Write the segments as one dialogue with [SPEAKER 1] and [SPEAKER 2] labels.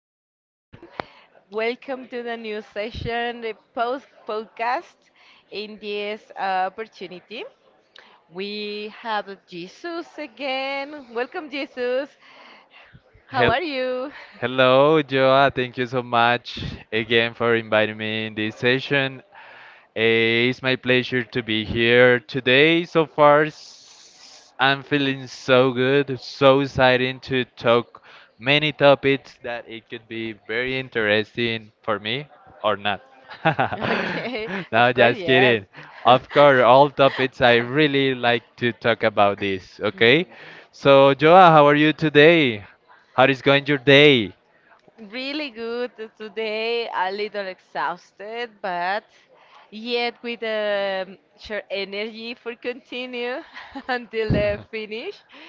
[SPEAKER 1] everyone. Welcome to the new session, the post podcast. In this opportunity, we have Jesus again. Welcome, Jesus. How
[SPEAKER 2] Hel-
[SPEAKER 1] are you?
[SPEAKER 2] Hello, Joa. Thank you so much again for inviting me in this session. It's my pleasure to be here today. So far, I'm feeling so good, so exciting to talk many topics that it could be very interesting for me or not.
[SPEAKER 1] Okay,
[SPEAKER 2] No,
[SPEAKER 1] of course,
[SPEAKER 2] just
[SPEAKER 1] yes.
[SPEAKER 2] kidding. Of course, all topics I really like to talk about this, okay?
[SPEAKER 1] Hmm.
[SPEAKER 2] So, Joa, how are you today? How is going your day?
[SPEAKER 1] Really good today, a little exhausted, but yet with sure energy for continue until the finish.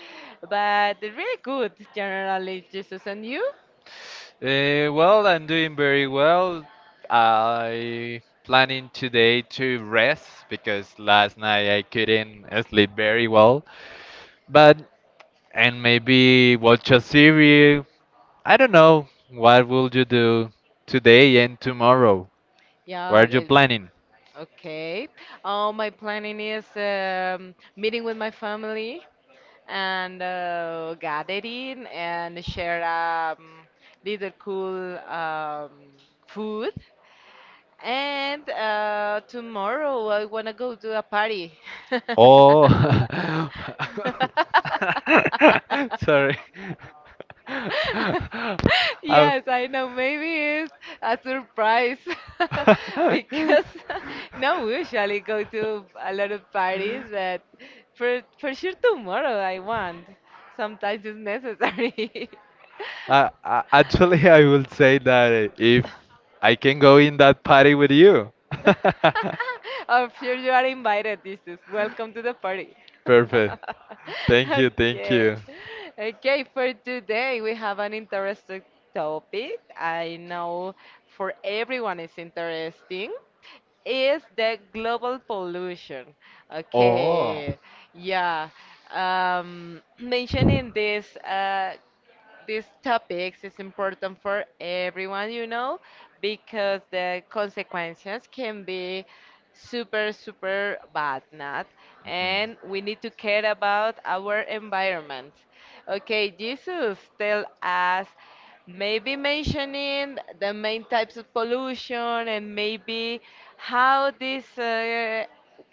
[SPEAKER 1] But really good generally, Jesus, and you?
[SPEAKER 2] Well, I'm doing very well. I planning today to rest because last night I couldn't sleep very well. But and maybe watch a series. I don't know. What will you do today and tomorrow? What
[SPEAKER 1] Yeah.
[SPEAKER 2] are you planning?
[SPEAKER 1] Okay. Oh, my planning is meeting with my family and gathering and share little cool food. And tomorrow I wanna go to a party.
[SPEAKER 2] Oh, sorry. I-
[SPEAKER 1] Yes, I know. Maybe it's a surprise because no, we usually go to a lot of parties, but for sure tomorrow I want. Sometimes it's necessary.
[SPEAKER 2] Actually, I will say that if I can go in that party with you.
[SPEAKER 1] I'm sure you are invited, this is welcome to the party.
[SPEAKER 2] Perfect. Thank you, thank
[SPEAKER 1] Okay.
[SPEAKER 2] you.
[SPEAKER 1] Okay, for today we have an interesting topic. I know for everyone is interesting. Is the global pollution.
[SPEAKER 2] Oh,
[SPEAKER 1] Okay.
[SPEAKER 2] mhm.
[SPEAKER 1] Yeah. Mentioning this these topics is important for everyone, you know, because the consequences can be super, super bad, not? And we need to care about our environment. Okay, Jesus, tell us maybe mentioning the main types of pollution and maybe how these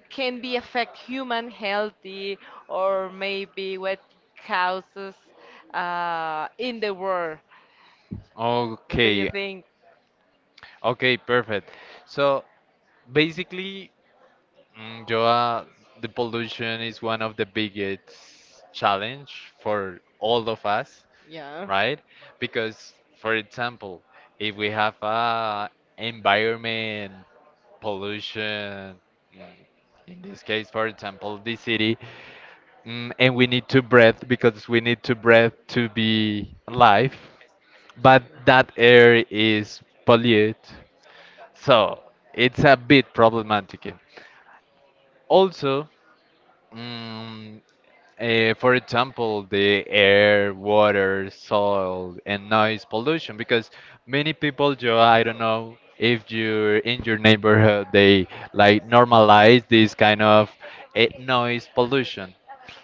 [SPEAKER 1] can be affect human healthy or maybe what causes in the world. What do you
[SPEAKER 2] Okay.
[SPEAKER 1] think?
[SPEAKER 2] Okay, perfect. So basically, Joa, the pollution is one of the biggest challenge for all of us,
[SPEAKER 1] Yeah.
[SPEAKER 2] right? Because, for example, if we have a environment pollution, mm, in this case, for example, the city, and we need to breathe because we need to breathe to be alive, but that air is polluted, so it's a bit problematic. Also, mm for example, the air, water, soil, and noise pollution, because many people, Joe, I don't know if you're in your neighborhood, they like normalize this kind of noise pollution.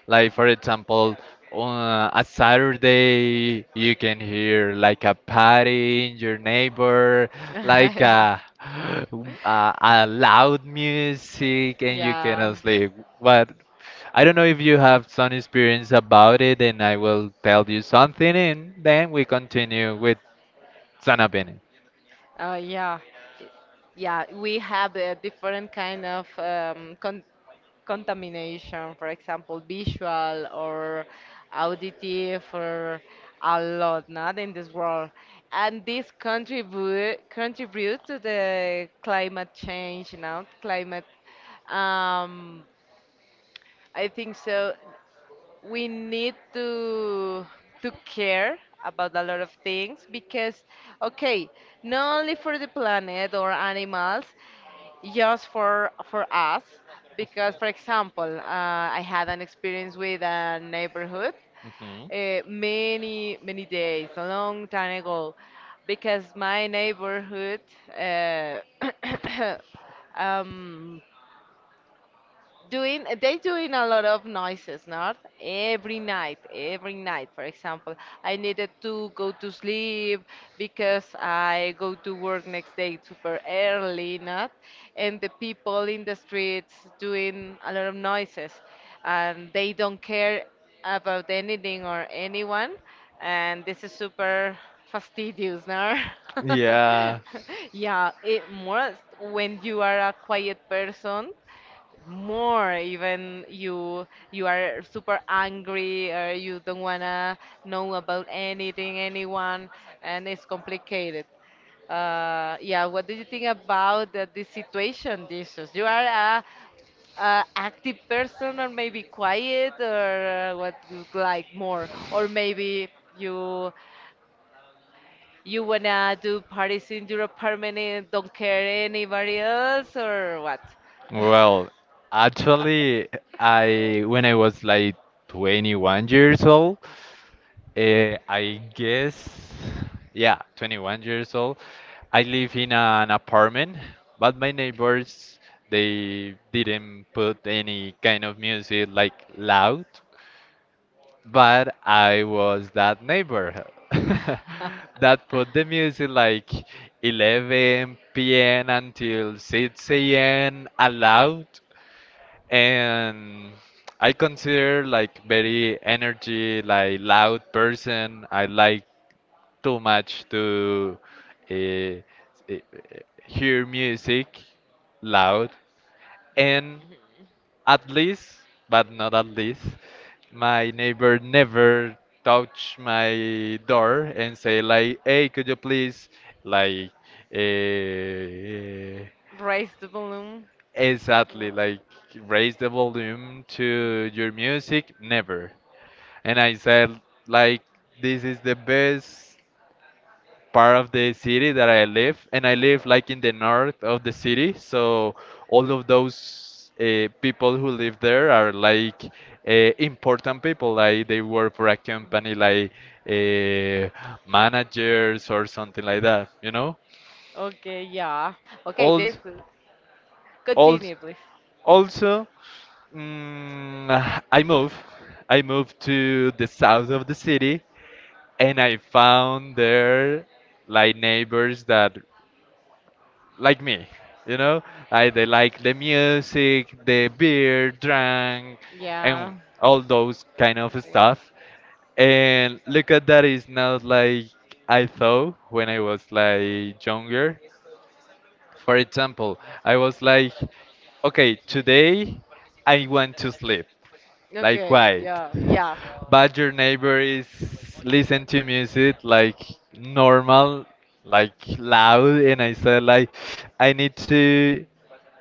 [SPEAKER 2] Like, for example, on a Saturday, you can hear like a party in your neighbor, like
[SPEAKER 1] yeah.
[SPEAKER 2] a, a loud music, and you
[SPEAKER 1] Yeah.
[SPEAKER 2] cannot sleep. What I don't know if you have some experience about it, and I will tell you something, and then we continue with some opinion.
[SPEAKER 1] Yeah. Yeah, we have a different kind of contamination, for example, visual or auditive or a lot, not in this world. And this contribute to the climate change, you know, climate um, I think so we need to care about a lot of things because okay not only for the planet or animals just for us because, for example, I had an experience with a neighborhood
[SPEAKER 2] Hmm.
[SPEAKER 1] uh, many days a long time ago because my neighborhood uh, um, doing they doing a lot of noises, not every night. For example, I needed to go to sleep because I go to work next day super early, not? And the people in the streets doing a lot of noises and they don't care about anything or anyone. And this is super fastidious, no?
[SPEAKER 2] Yeah.
[SPEAKER 1] Yeah, it more when you are a quiet person, more even you are super angry or you don't wanna know about anything, anyone, and it's complicated. Yeah, what do you think about the situation? Dishes you are a active person or maybe quiet or what you like more, or maybe you you wanna do parties in your apartment and don't care anybody else, or what?
[SPEAKER 2] Well, actually, I when I was like 21 years old, I guess, yeah, 21 years old. I live in an apartment, but my neighbors, they didn't put any kind of music like loud, but I was that neighbor that put the music like 11 p.m. until 6 a.m. allowed. And I consider like very energy, like loud person. I like too much to uh, uh, hear music loud. And
[SPEAKER 1] Mhm.
[SPEAKER 2] at least, but not at least, my neighbor never touch my door and say like, "Hey, could you please like uh,
[SPEAKER 1] Raise the balloon.
[SPEAKER 2] exactly
[SPEAKER 1] Wow.
[SPEAKER 2] like raise the volume to your music?" Never. And I said like, "This is the best" part of the city that I live, and I live like in the north of the city, so all of those people who live there are like uh, important people, like they work for a company, like uh, managers or something like that, you know.
[SPEAKER 1] Wow. Okay, yeah. Okay, this
[SPEAKER 2] Also, also,
[SPEAKER 1] continue, please.
[SPEAKER 2] also mm, I move, I moved to the south of the city, and I found there like neighbors that like me, you know? They like the music, the beer, drank, and
[SPEAKER 1] Yeah.
[SPEAKER 2] all those kind of
[SPEAKER 1] Well,
[SPEAKER 2] stuff. And look at that, it's not like I thought when I was like younger. For example, I was like, okay, today I want to sleep like
[SPEAKER 1] okay,
[SPEAKER 2] quiet.
[SPEAKER 1] yeah, yeah.
[SPEAKER 2] But your neighbor is listen to music like normal, like loud, and I said like I need to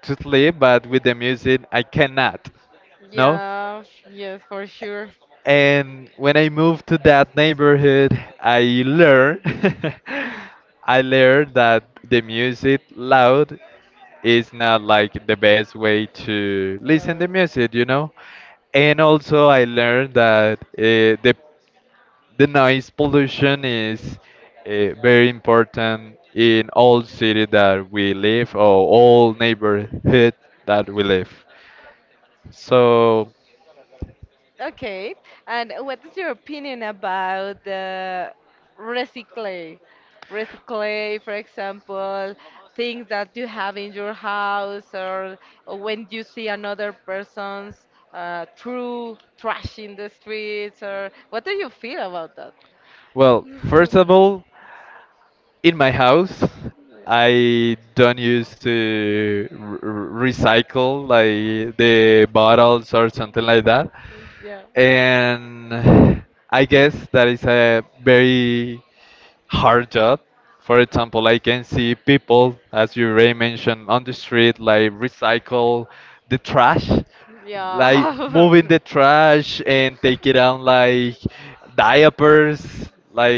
[SPEAKER 2] sleep, but with the music I cannot. No,
[SPEAKER 1] Yeah, yes, for sure.
[SPEAKER 2] and when I moved to that neighborhood, I learned I learned that the music loud is not like the best way to
[SPEAKER 1] Well,
[SPEAKER 2] listen
[SPEAKER 1] well,
[SPEAKER 2] to
[SPEAKER 1] well.
[SPEAKER 2] music, you know. And also I learned that the the noise pollution is very important in all city that we live or all neighborhood that we live. So,
[SPEAKER 1] Okay, and what is your opinion about the recycle? Recycle, for example, things that you have in your house, or when you see another person's true trash in the streets, or what do you feel about that?
[SPEAKER 2] well, first of all, in my house, I don't use to recycle like the bottles or something like that.
[SPEAKER 1] yeah, yeah,
[SPEAKER 2] And I guess that is a very hard job. For example, I can see people, as you already mentioned, on the street, like recycle the trash, like moving the
[SPEAKER 1] yeah.
[SPEAKER 2] trash and take it out like diapers,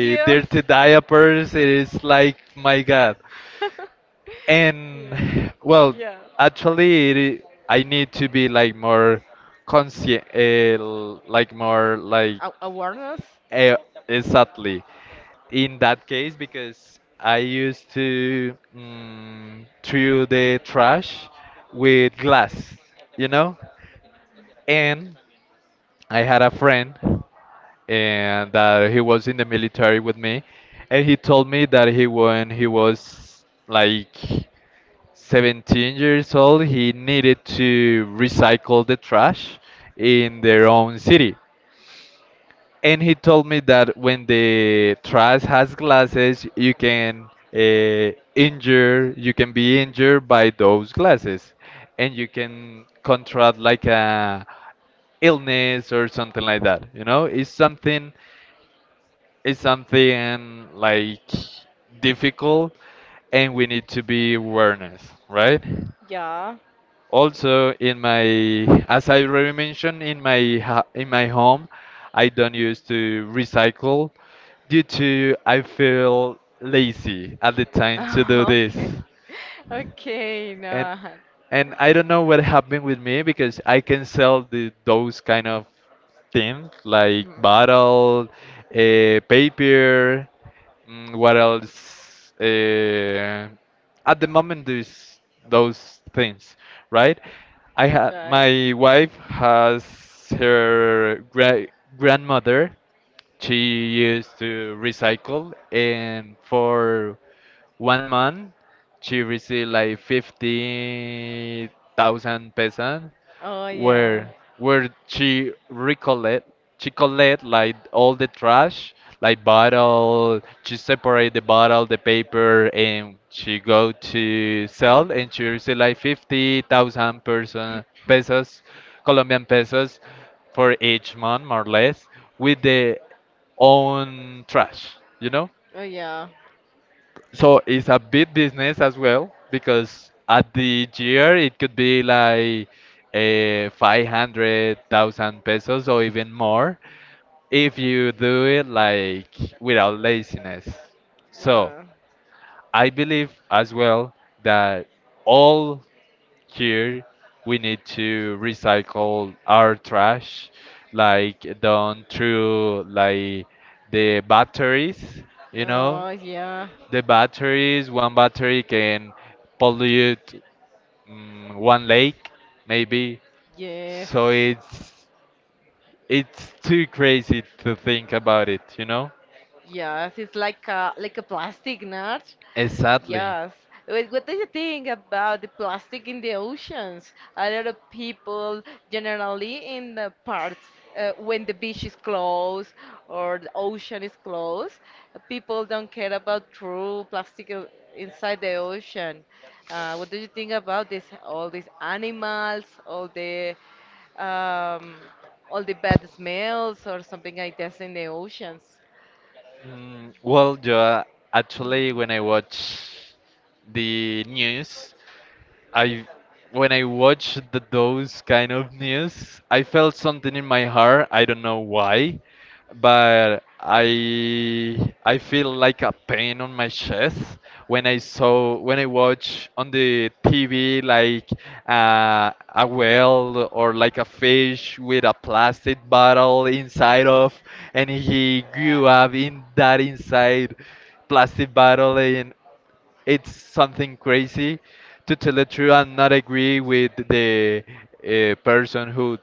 [SPEAKER 1] yes.
[SPEAKER 2] dirty diapers. It is like, my God.
[SPEAKER 1] yes.
[SPEAKER 2] And well,
[SPEAKER 1] Yeah.
[SPEAKER 2] actually, I need to be like more conscient, like more like
[SPEAKER 1] A- awareness?
[SPEAKER 2] Eh, exactly. In that case, because I used to throw the trash with glass, you know, and I had a friend and that he was in the military with me and he told me that he when he was like 17 years old he needed to recycle the trash in their own city and he told me that when the trash has glasses, you can injure, you can be injured by those glasses, and you can contract like a illness or something like that. You know, it's something like difficult, and we need to be awareness, right?
[SPEAKER 1] Yeah.
[SPEAKER 2] Also, in my, as I already mentioned, in my home, I don't used to recycle due to I feel lazy at the time to do this.
[SPEAKER 1] okay. Okay, no.
[SPEAKER 2] And and I don't know what happened with me because I can sell the those kind of things like bottle, uh, paper, what else? At the moment, there's those things, right? I had my
[SPEAKER 1] Right.
[SPEAKER 2] wife has her
[SPEAKER 1] Oh,
[SPEAKER 2] grandmother. She used to recycle, and for one month, she received like 50,000 pesos,
[SPEAKER 1] yeah.
[SPEAKER 2] where she collect like all the trash, like bottle. She separate the bottle, the paper, and she go to sell, and she receive like 50,000 person pesos, Colombian pesos, for each month, more or less, with the own trash, you know?
[SPEAKER 1] Oh yeah,
[SPEAKER 2] So it's a big business as well because at the year it could be like 500,000 pesos or even more if you do it like without laziness. So
[SPEAKER 1] yeah.
[SPEAKER 2] I believe as well that all here we need to recycle our trash like done through like the batteries, you know,
[SPEAKER 1] Oh, yeah,
[SPEAKER 2] the batteries, one battery can pollute one lake, maybe.
[SPEAKER 1] yeah.
[SPEAKER 2] So it's too crazy to think about it, you know?
[SPEAKER 1] Yes, it's like a plastic, not?
[SPEAKER 2] Exactly.
[SPEAKER 1] Yes. Wait, what do you think about the plastic in the oceans? A lot of people generally in the parts when the beach is closed or the ocean is closed, people don't care about true plastic inside the ocean. What do you think about this? All these animals, um, all the bad smells or something like that in the oceans.
[SPEAKER 2] Well, yeah, actually, when I watch the news, I when I watched the those kind of news, I felt something in my heart. I don't know why, but I feel like a pain on my chest when I saw when I watch on the TV like a whale or like a fish with a plastic bottle inside of, and he
[SPEAKER 1] Yeah.
[SPEAKER 2] grew up in that inside plastic bottle and it's something crazy to tell the truth and not agree with the person who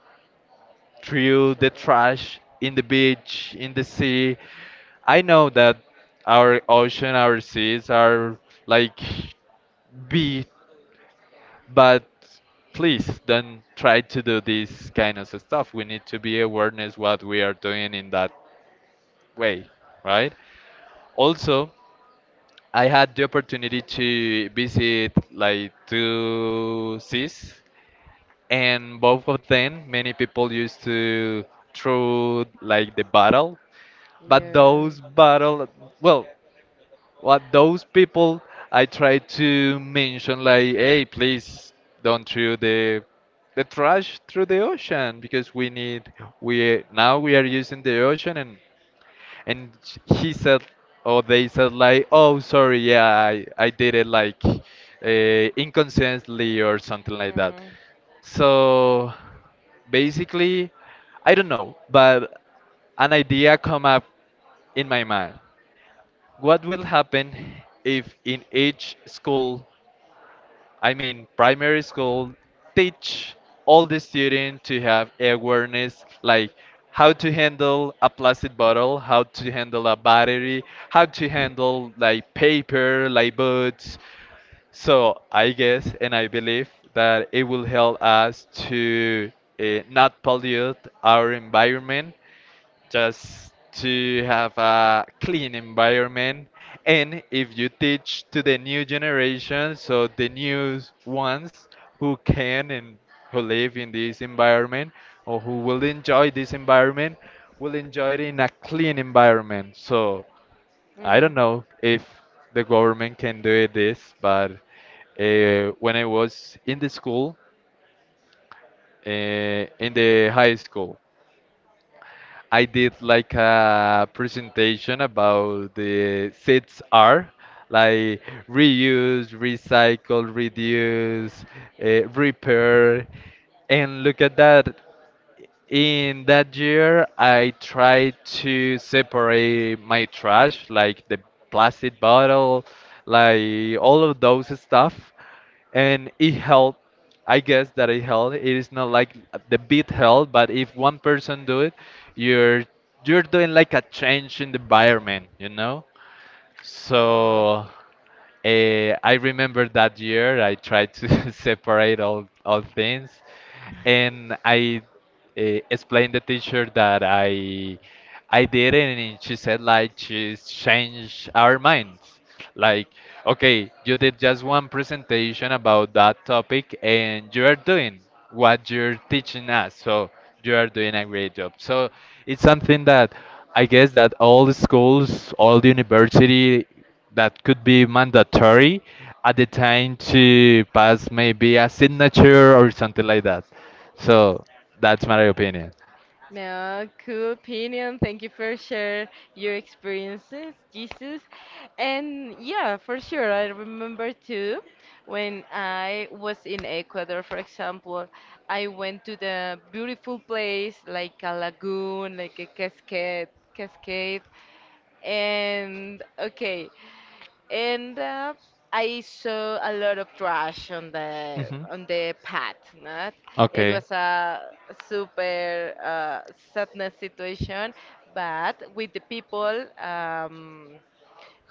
[SPEAKER 2] threw the
[SPEAKER 1] True.
[SPEAKER 2] trash in the beach, in the sea. I know that our ocean, our seas are like big, but please don't try to do this kind of stuff. We need to be awareness what we are doing in that way, right? Also, I had the opportunity to visit like two seas, and both of them, many people used to throw like the battle. But
[SPEAKER 1] Yeah.
[SPEAKER 2] those battle, well, what those people, I try to mention like, hey, please don't throw the trash through the ocean because we need we now we are using the ocean and he said or they said like oh sorry yeah I did it like inconsciently or something like that.
[SPEAKER 1] Mm.
[SPEAKER 2] So basically I don't know but an idea come up in my mind what will happen if in each school, I mean, primary school, teach all the students to have awareness like how to handle a plastic bottle, how to handle a battery, how to handle like paper, like books. So I guess and I believe that it will help us to uh, not pollute our environment just to have a clean environment. And if you teach to the new generation, so the new ones who can and who live in this environment or who will enjoy this environment, will enjoy it in a clean environment. So
[SPEAKER 1] Mm.
[SPEAKER 2] I
[SPEAKER 1] Mm.
[SPEAKER 2] don't know if the government can do it this, but when I was in the school, in the high school, I did like a presentation about the 6R, like reuse, recycle, reduce, repair. And look at that. In that year, I tried to separate my trash, like the plastic bottle, like all of those stuff and it helped. I guess that it helped. It is not like the beat helped, but if one person do it, you're you're doing like a change in the environment, you know.
[SPEAKER 1] Yeah.
[SPEAKER 2] So I remember that year I tried to separate all things, and I explained the teacher that I did it, and she said like she's changed our minds. Like, okay, you did just one presentation about that topic, and you are doing what you're teaching us. So you are doing a great job. So it's something that I guess that all the schools, all the university that could be mandatory at the time to pass maybe a signature or something like that. So that's my opinion.
[SPEAKER 1] No, cool opinion. Thank you for share your experiences, Jesus. And yeah, for sure, I remember too when I was in Ecuador, for example, I went to the beautiful place like a lagoon, like a cascade, cascade. And okay and I saw a lot of trash
[SPEAKER 2] Mhm.
[SPEAKER 1] on the path. Not it
[SPEAKER 2] Okay.
[SPEAKER 1] was a super sadness situation, but with the people.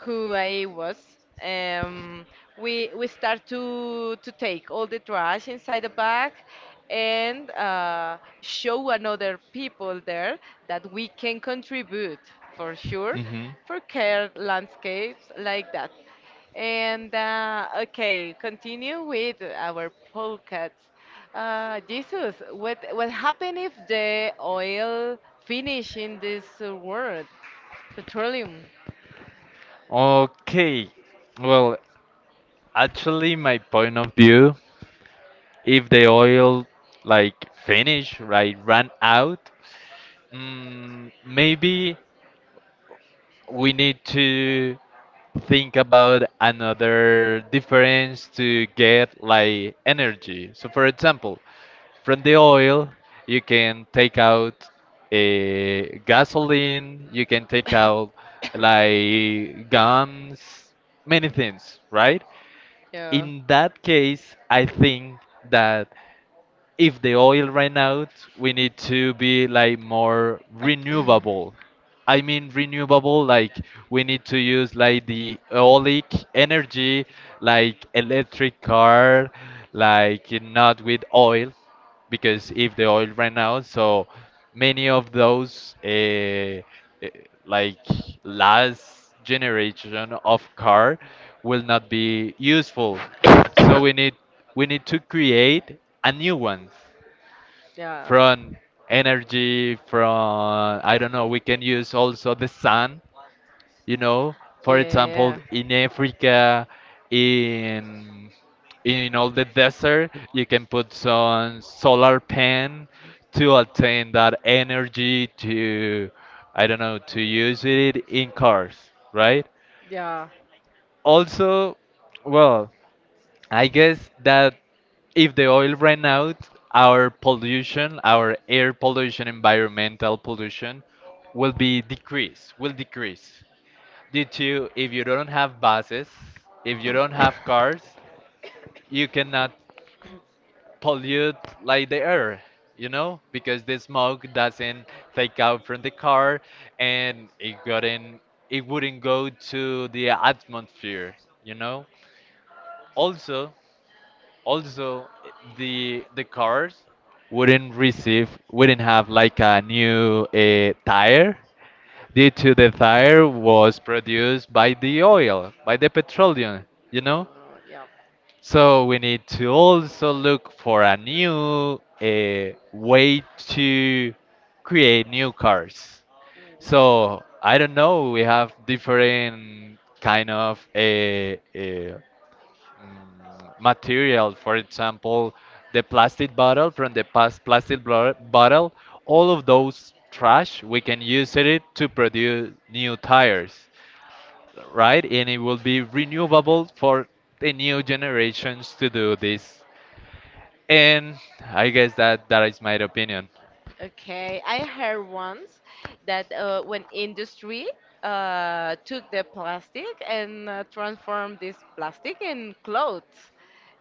[SPEAKER 1] Who I was. Um, we start to take all the trash inside the bag and show another people there that we can contribute for sure
[SPEAKER 2] Mhm.
[SPEAKER 1] for care landscapes like that. And okay, continue with our podcasts. Jesus, what happen if the oil finish in this world? Petroleum.
[SPEAKER 2] Okay. Well, actually, my point of view, if the oil like finish, right, run out, maybe we need to think about another difference to get like energy. So, for example, from the oil, you can take out a gasoline, you can take out like guns, many things, right?
[SPEAKER 1] yeah,
[SPEAKER 2] In that case, I think that if the oil ran out, we need to be like more renewable. I mean renewable, like we need to use like the eolic energy, like electric car, like not with oil, because if the oil ran out, so many of those like last generation of car will not be useful, so we need to create a new one
[SPEAKER 1] yeah,
[SPEAKER 2] from energy, from I don't know, we can use also the sun, you know, for
[SPEAKER 1] yeah,
[SPEAKER 2] example,
[SPEAKER 1] yeah,
[SPEAKER 2] in Africa, in all the desert, you can put some solar pan to obtain that energy to, I don't know, to use it in cars, right?
[SPEAKER 1] yeah. Yeah.
[SPEAKER 2] Also, well, I guess that if the oil ran out, our pollution, our air pollution, environmental pollution will be decrease, will decrease. Due to if you don't have buses, if you don't have cars, you cannot pollute like the air, you know, because the smoke doesn't take out from the car and it got in, it wouldn't go to the atmosphere, you know. Also, also the cars wouldn't receive, wouldn't have like a new tire, due to the tire was produced by the oil, by the petroleum, you know,
[SPEAKER 1] Yeah.
[SPEAKER 2] so we need to also look for a new way to create new cars, so I don't know, we
[SPEAKER 1] Mm.
[SPEAKER 2] have different kind of material. For example, the plastic bottle, from the past plastic bottle, all of those trash, we can use it to produce new tires, right? And it will be renewable for the new generations to do this. And I guess that that is my opinion.
[SPEAKER 1] Okay, I heard once that when industry took the plastic and transformed this plastic in clothes,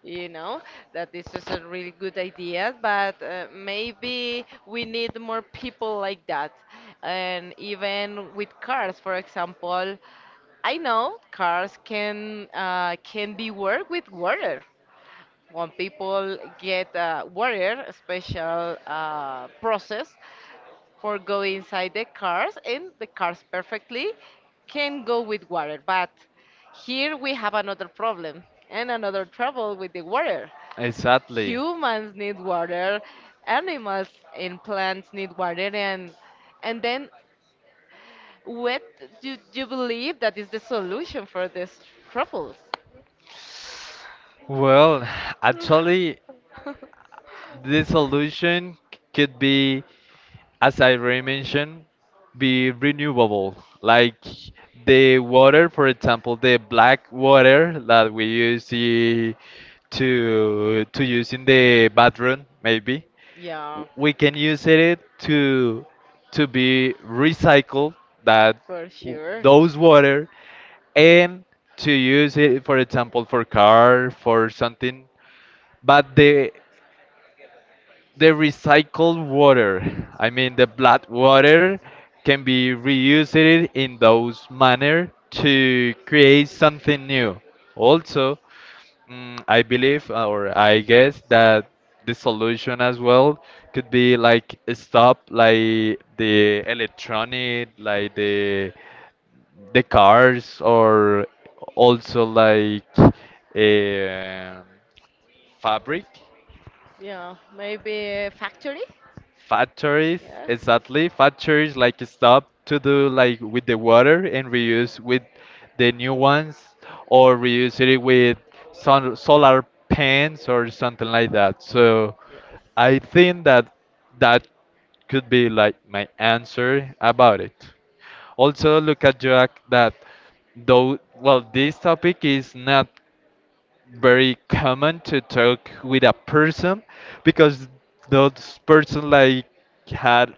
[SPEAKER 1] you know, that this is a really good idea, but maybe we need more people like that. And even with cars, for example, I know cars can be worked with water when people get water special process for go inside the cars, and the cars perfectly can go with water. But here we have another problem and another trouble with the water.
[SPEAKER 2] Exactly.
[SPEAKER 1] Humans need water, animals and plants need water, and then what do you believe that is the solution for these troubles?
[SPEAKER 2] Well, actually, the solution could be, as I already mentioned, be renewable. Like the water, for example, the black water that we use to use in the bathroom, maybe
[SPEAKER 1] yeah.
[SPEAKER 2] we can use it to be recycled. That
[SPEAKER 1] For sure.
[SPEAKER 2] those water, and to use it, for example, for car, for something. But the recycled water, I mean the blood water, can be reused in those manner to create something new. Also, I believe or I guess that the solution as well could be like stop like the electronic, like the cars, or also like a fabric
[SPEAKER 1] Yeah, maybe a factory.
[SPEAKER 2] factories,
[SPEAKER 1] Yeah.
[SPEAKER 2] exactly, factories like stop to do like with the water and reuse with the new ones, or reuse it with sun, solar pans or something like that, so
[SPEAKER 1] Yes.
[SPEAKER 2] I think that that could be like my answer about it. Also look at Jack that, though, well, this topic is not very common to talk with a person, because those person like had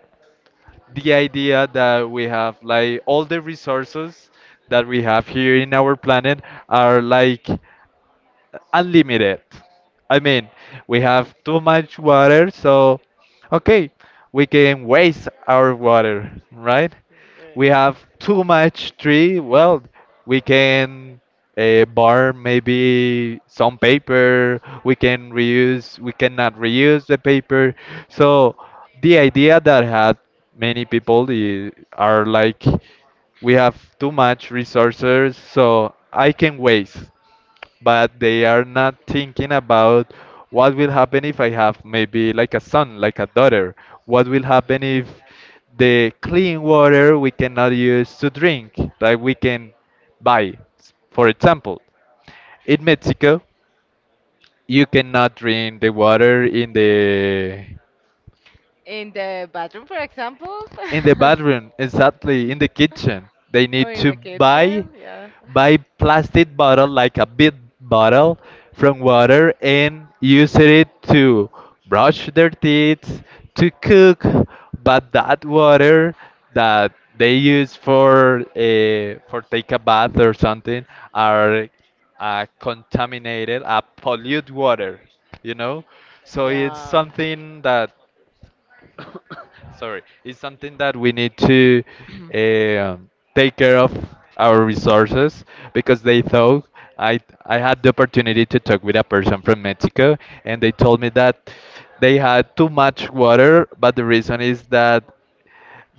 [SPEAKER 2] the idea that we have like all the resources that we have here in our planet are like unlimited. I mean, we have too much water, so okay, we can waste our water, right? We have too
[SPEAKER 1] Yeah.
[SPEAKER 2] much tree, well, we can burn maybe some paper, we can reuse, we cannot reuse the paper. So the idea that had many people are like, we have too much resources, so I can waste, but they are not thinking about what will happen if I have maybe like a son, like a daughter. What will happen if the clean water we cannot use to drink, like we can buy, for example. In Mexico, you cannot drink the water in the,
[SPEAKER 1] In the bathroom, for example.
[SPEAKER 2] in the bathroom, exactly, in the kitchen they
[SPEAKER 1] Oh,
[SPEAKER 2] need
[SPEAKER 1] in
[SPEAKER 2] to
[SPEAKER 1] the
[SPEAKER 2] buy,
[SPEAKER 1] kitchen, yeah.
[SPEAKER 2] buy plastic bottle like a big bottle from water and use it to brush their teeth, to cook, but that water that they use for take a bath or something are contaminated, pollute water, you know, so it's
[SPEAKER 1] Yeah,
[SPEAKER 2] something that, sorry, it's something that we need to take care of our resources, because they thought, I I had the opportunity to talk with a person from Mexico and they told me that they had too much water, but the reason is that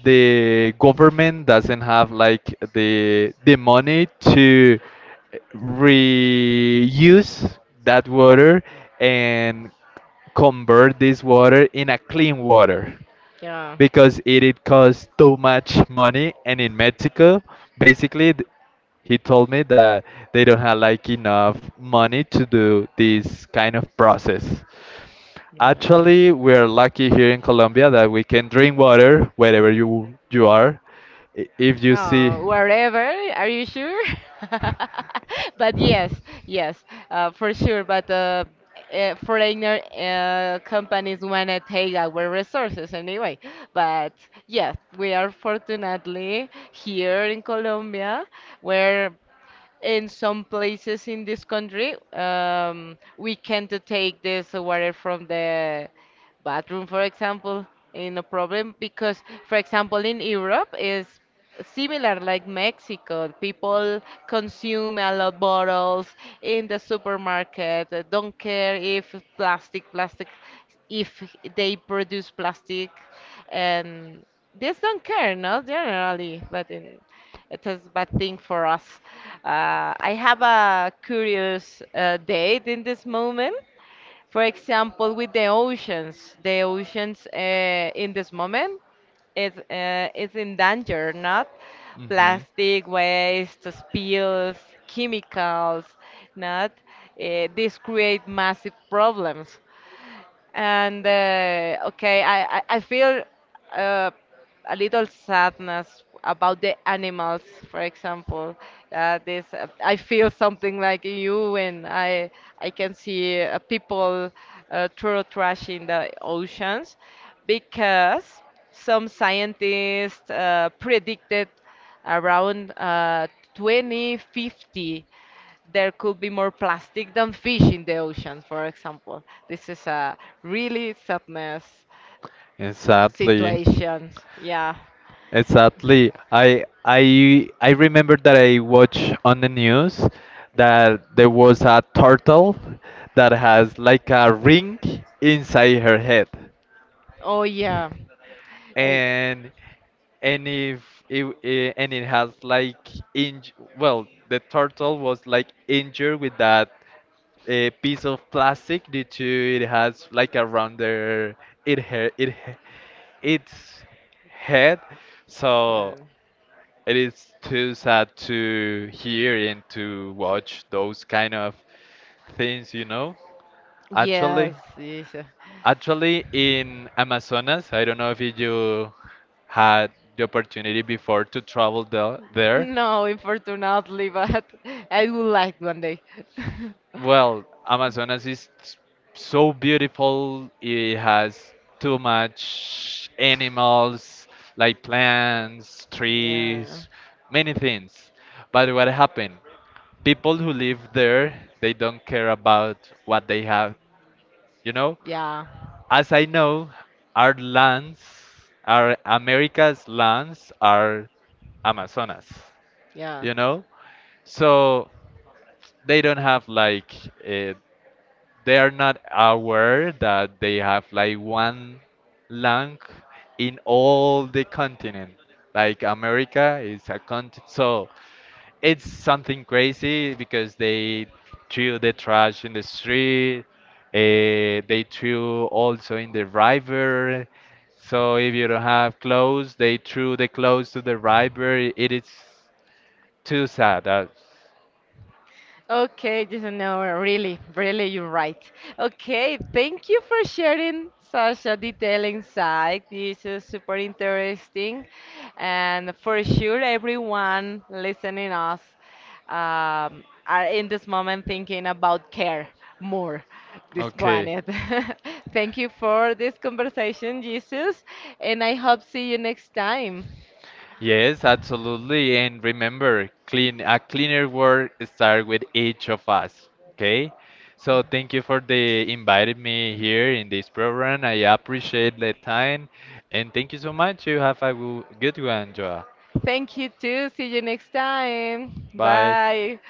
[SPEAKER 2] the government doesn't have like the money to reuse that water and convert this water in a clean water,
[SPEAKER 1] yeah,
[SPEAKER 2] because it cost too much money. And in Mexico, basically, he told me that they don't have like enough money to do this kind of process.
[SPEAKER 1] yeah.
[SPEAKER 2] Actually, we're lucky here in Colombia that we can drink water wherever you are. If you see,
[SPEAKER 1] Oh, wherever, are you sure? But yes, yes, for sure. But foreigner companies want to take our resources anyway. But yes, we are fortunately here in Colombia where in some places in this country, we can't take this water from the bathroom, for example, in a problem because, for example, in Europe is similar like Mexico. People consume a lot bottles in the supermarket. Don't care if plastic, plastic, if they produce plastic, and this don't care, no, generally, but in, it is bad thing for us. I have a curious date in this moment. For example, with the oceans in this moment is in danger, not?
[SPEAKER 2] mm-hmm.
[SPEAKER 1] Plastic waste, spills, chemicals, not? These create massive problems. And okay, I feel uh, a little sadness about the animals, for example. This I feel something like you when I can see people throw trash in the oceans because some scientists predicted around 2050 there could be more plastic than fish in the oceans, for example. This is a really sadness
[SPEAKER 2] Exactly.
[SPEAKER 1] situations. Yeah.
[SPEAKER 2] Exactly. I I remember that I watched on the news that there was a turtle that has like a ring inside her head.
[SPEAKER 1] Oh yeah. I,
[SPEAKER 2] And if and it has like inj well, the turtle was like injured with that, a piece of plastic, due to it has like a rounder, it hair it he- its head, so
[SPEAKER 1] yeah.
[SPEAKER 2] it is too sad to hear and to watch those kind of things, you know.
[SPEAKER 1] Yes.
[SPEAKER 2] Actually,
[SPEAKER 1] Yes.
[SPEAKER 2] in Amazonas, I don't know if you had the opportunity before to travel there.
[SPEAKER 1] No, unfortunately, but I would like one day.
[SPEAKER 2] Well, Amazonas is so beautiful. It has too much animals, like plants,
[SPEAKER 1] Yeah,
[SPEAKER 2] trees, many things. But what happened? People who live there, they don't care about what they have, you know?
[SPEAKER 1] yeah,
[SPEAKER 2] As I know, our lands, our America's lands are Amazonas,
[SPEAKER 1] yeah.
[SPEAKER 2] you know? So they don't have like uh, they are not aware that they have like one lung in all the continent. Like America is a continent, so it's something crazy because they threw the trash in the street. They threw also in the river. So if you don't have clothes, they threw the clothes to the river. It is too sad.
[SPEAKER 1] Okay, just an hour, really, really, you're right. Okay, thank you for sharing such a detailed insight. This is super interesting, and for sure, everyone listening us are in this moment thinking about care more this
[SPEAKER 2] Okay.
[SPEAKER 1] planet. Thank you for this conversation, Jesus, and I hope see you next time.
[SPEAKER 2] Yes, absolutely. And remember, clean a cleaner world start with each of us. Okay? So thank you for the inviting me here in this program. I appreciate the time and thank you so much. You have a good one, Joa.
[SPEAKER 1] Thank you too. See you next time.
[SPEAKER 2] Bye.
[SPEAKER 1] Bye.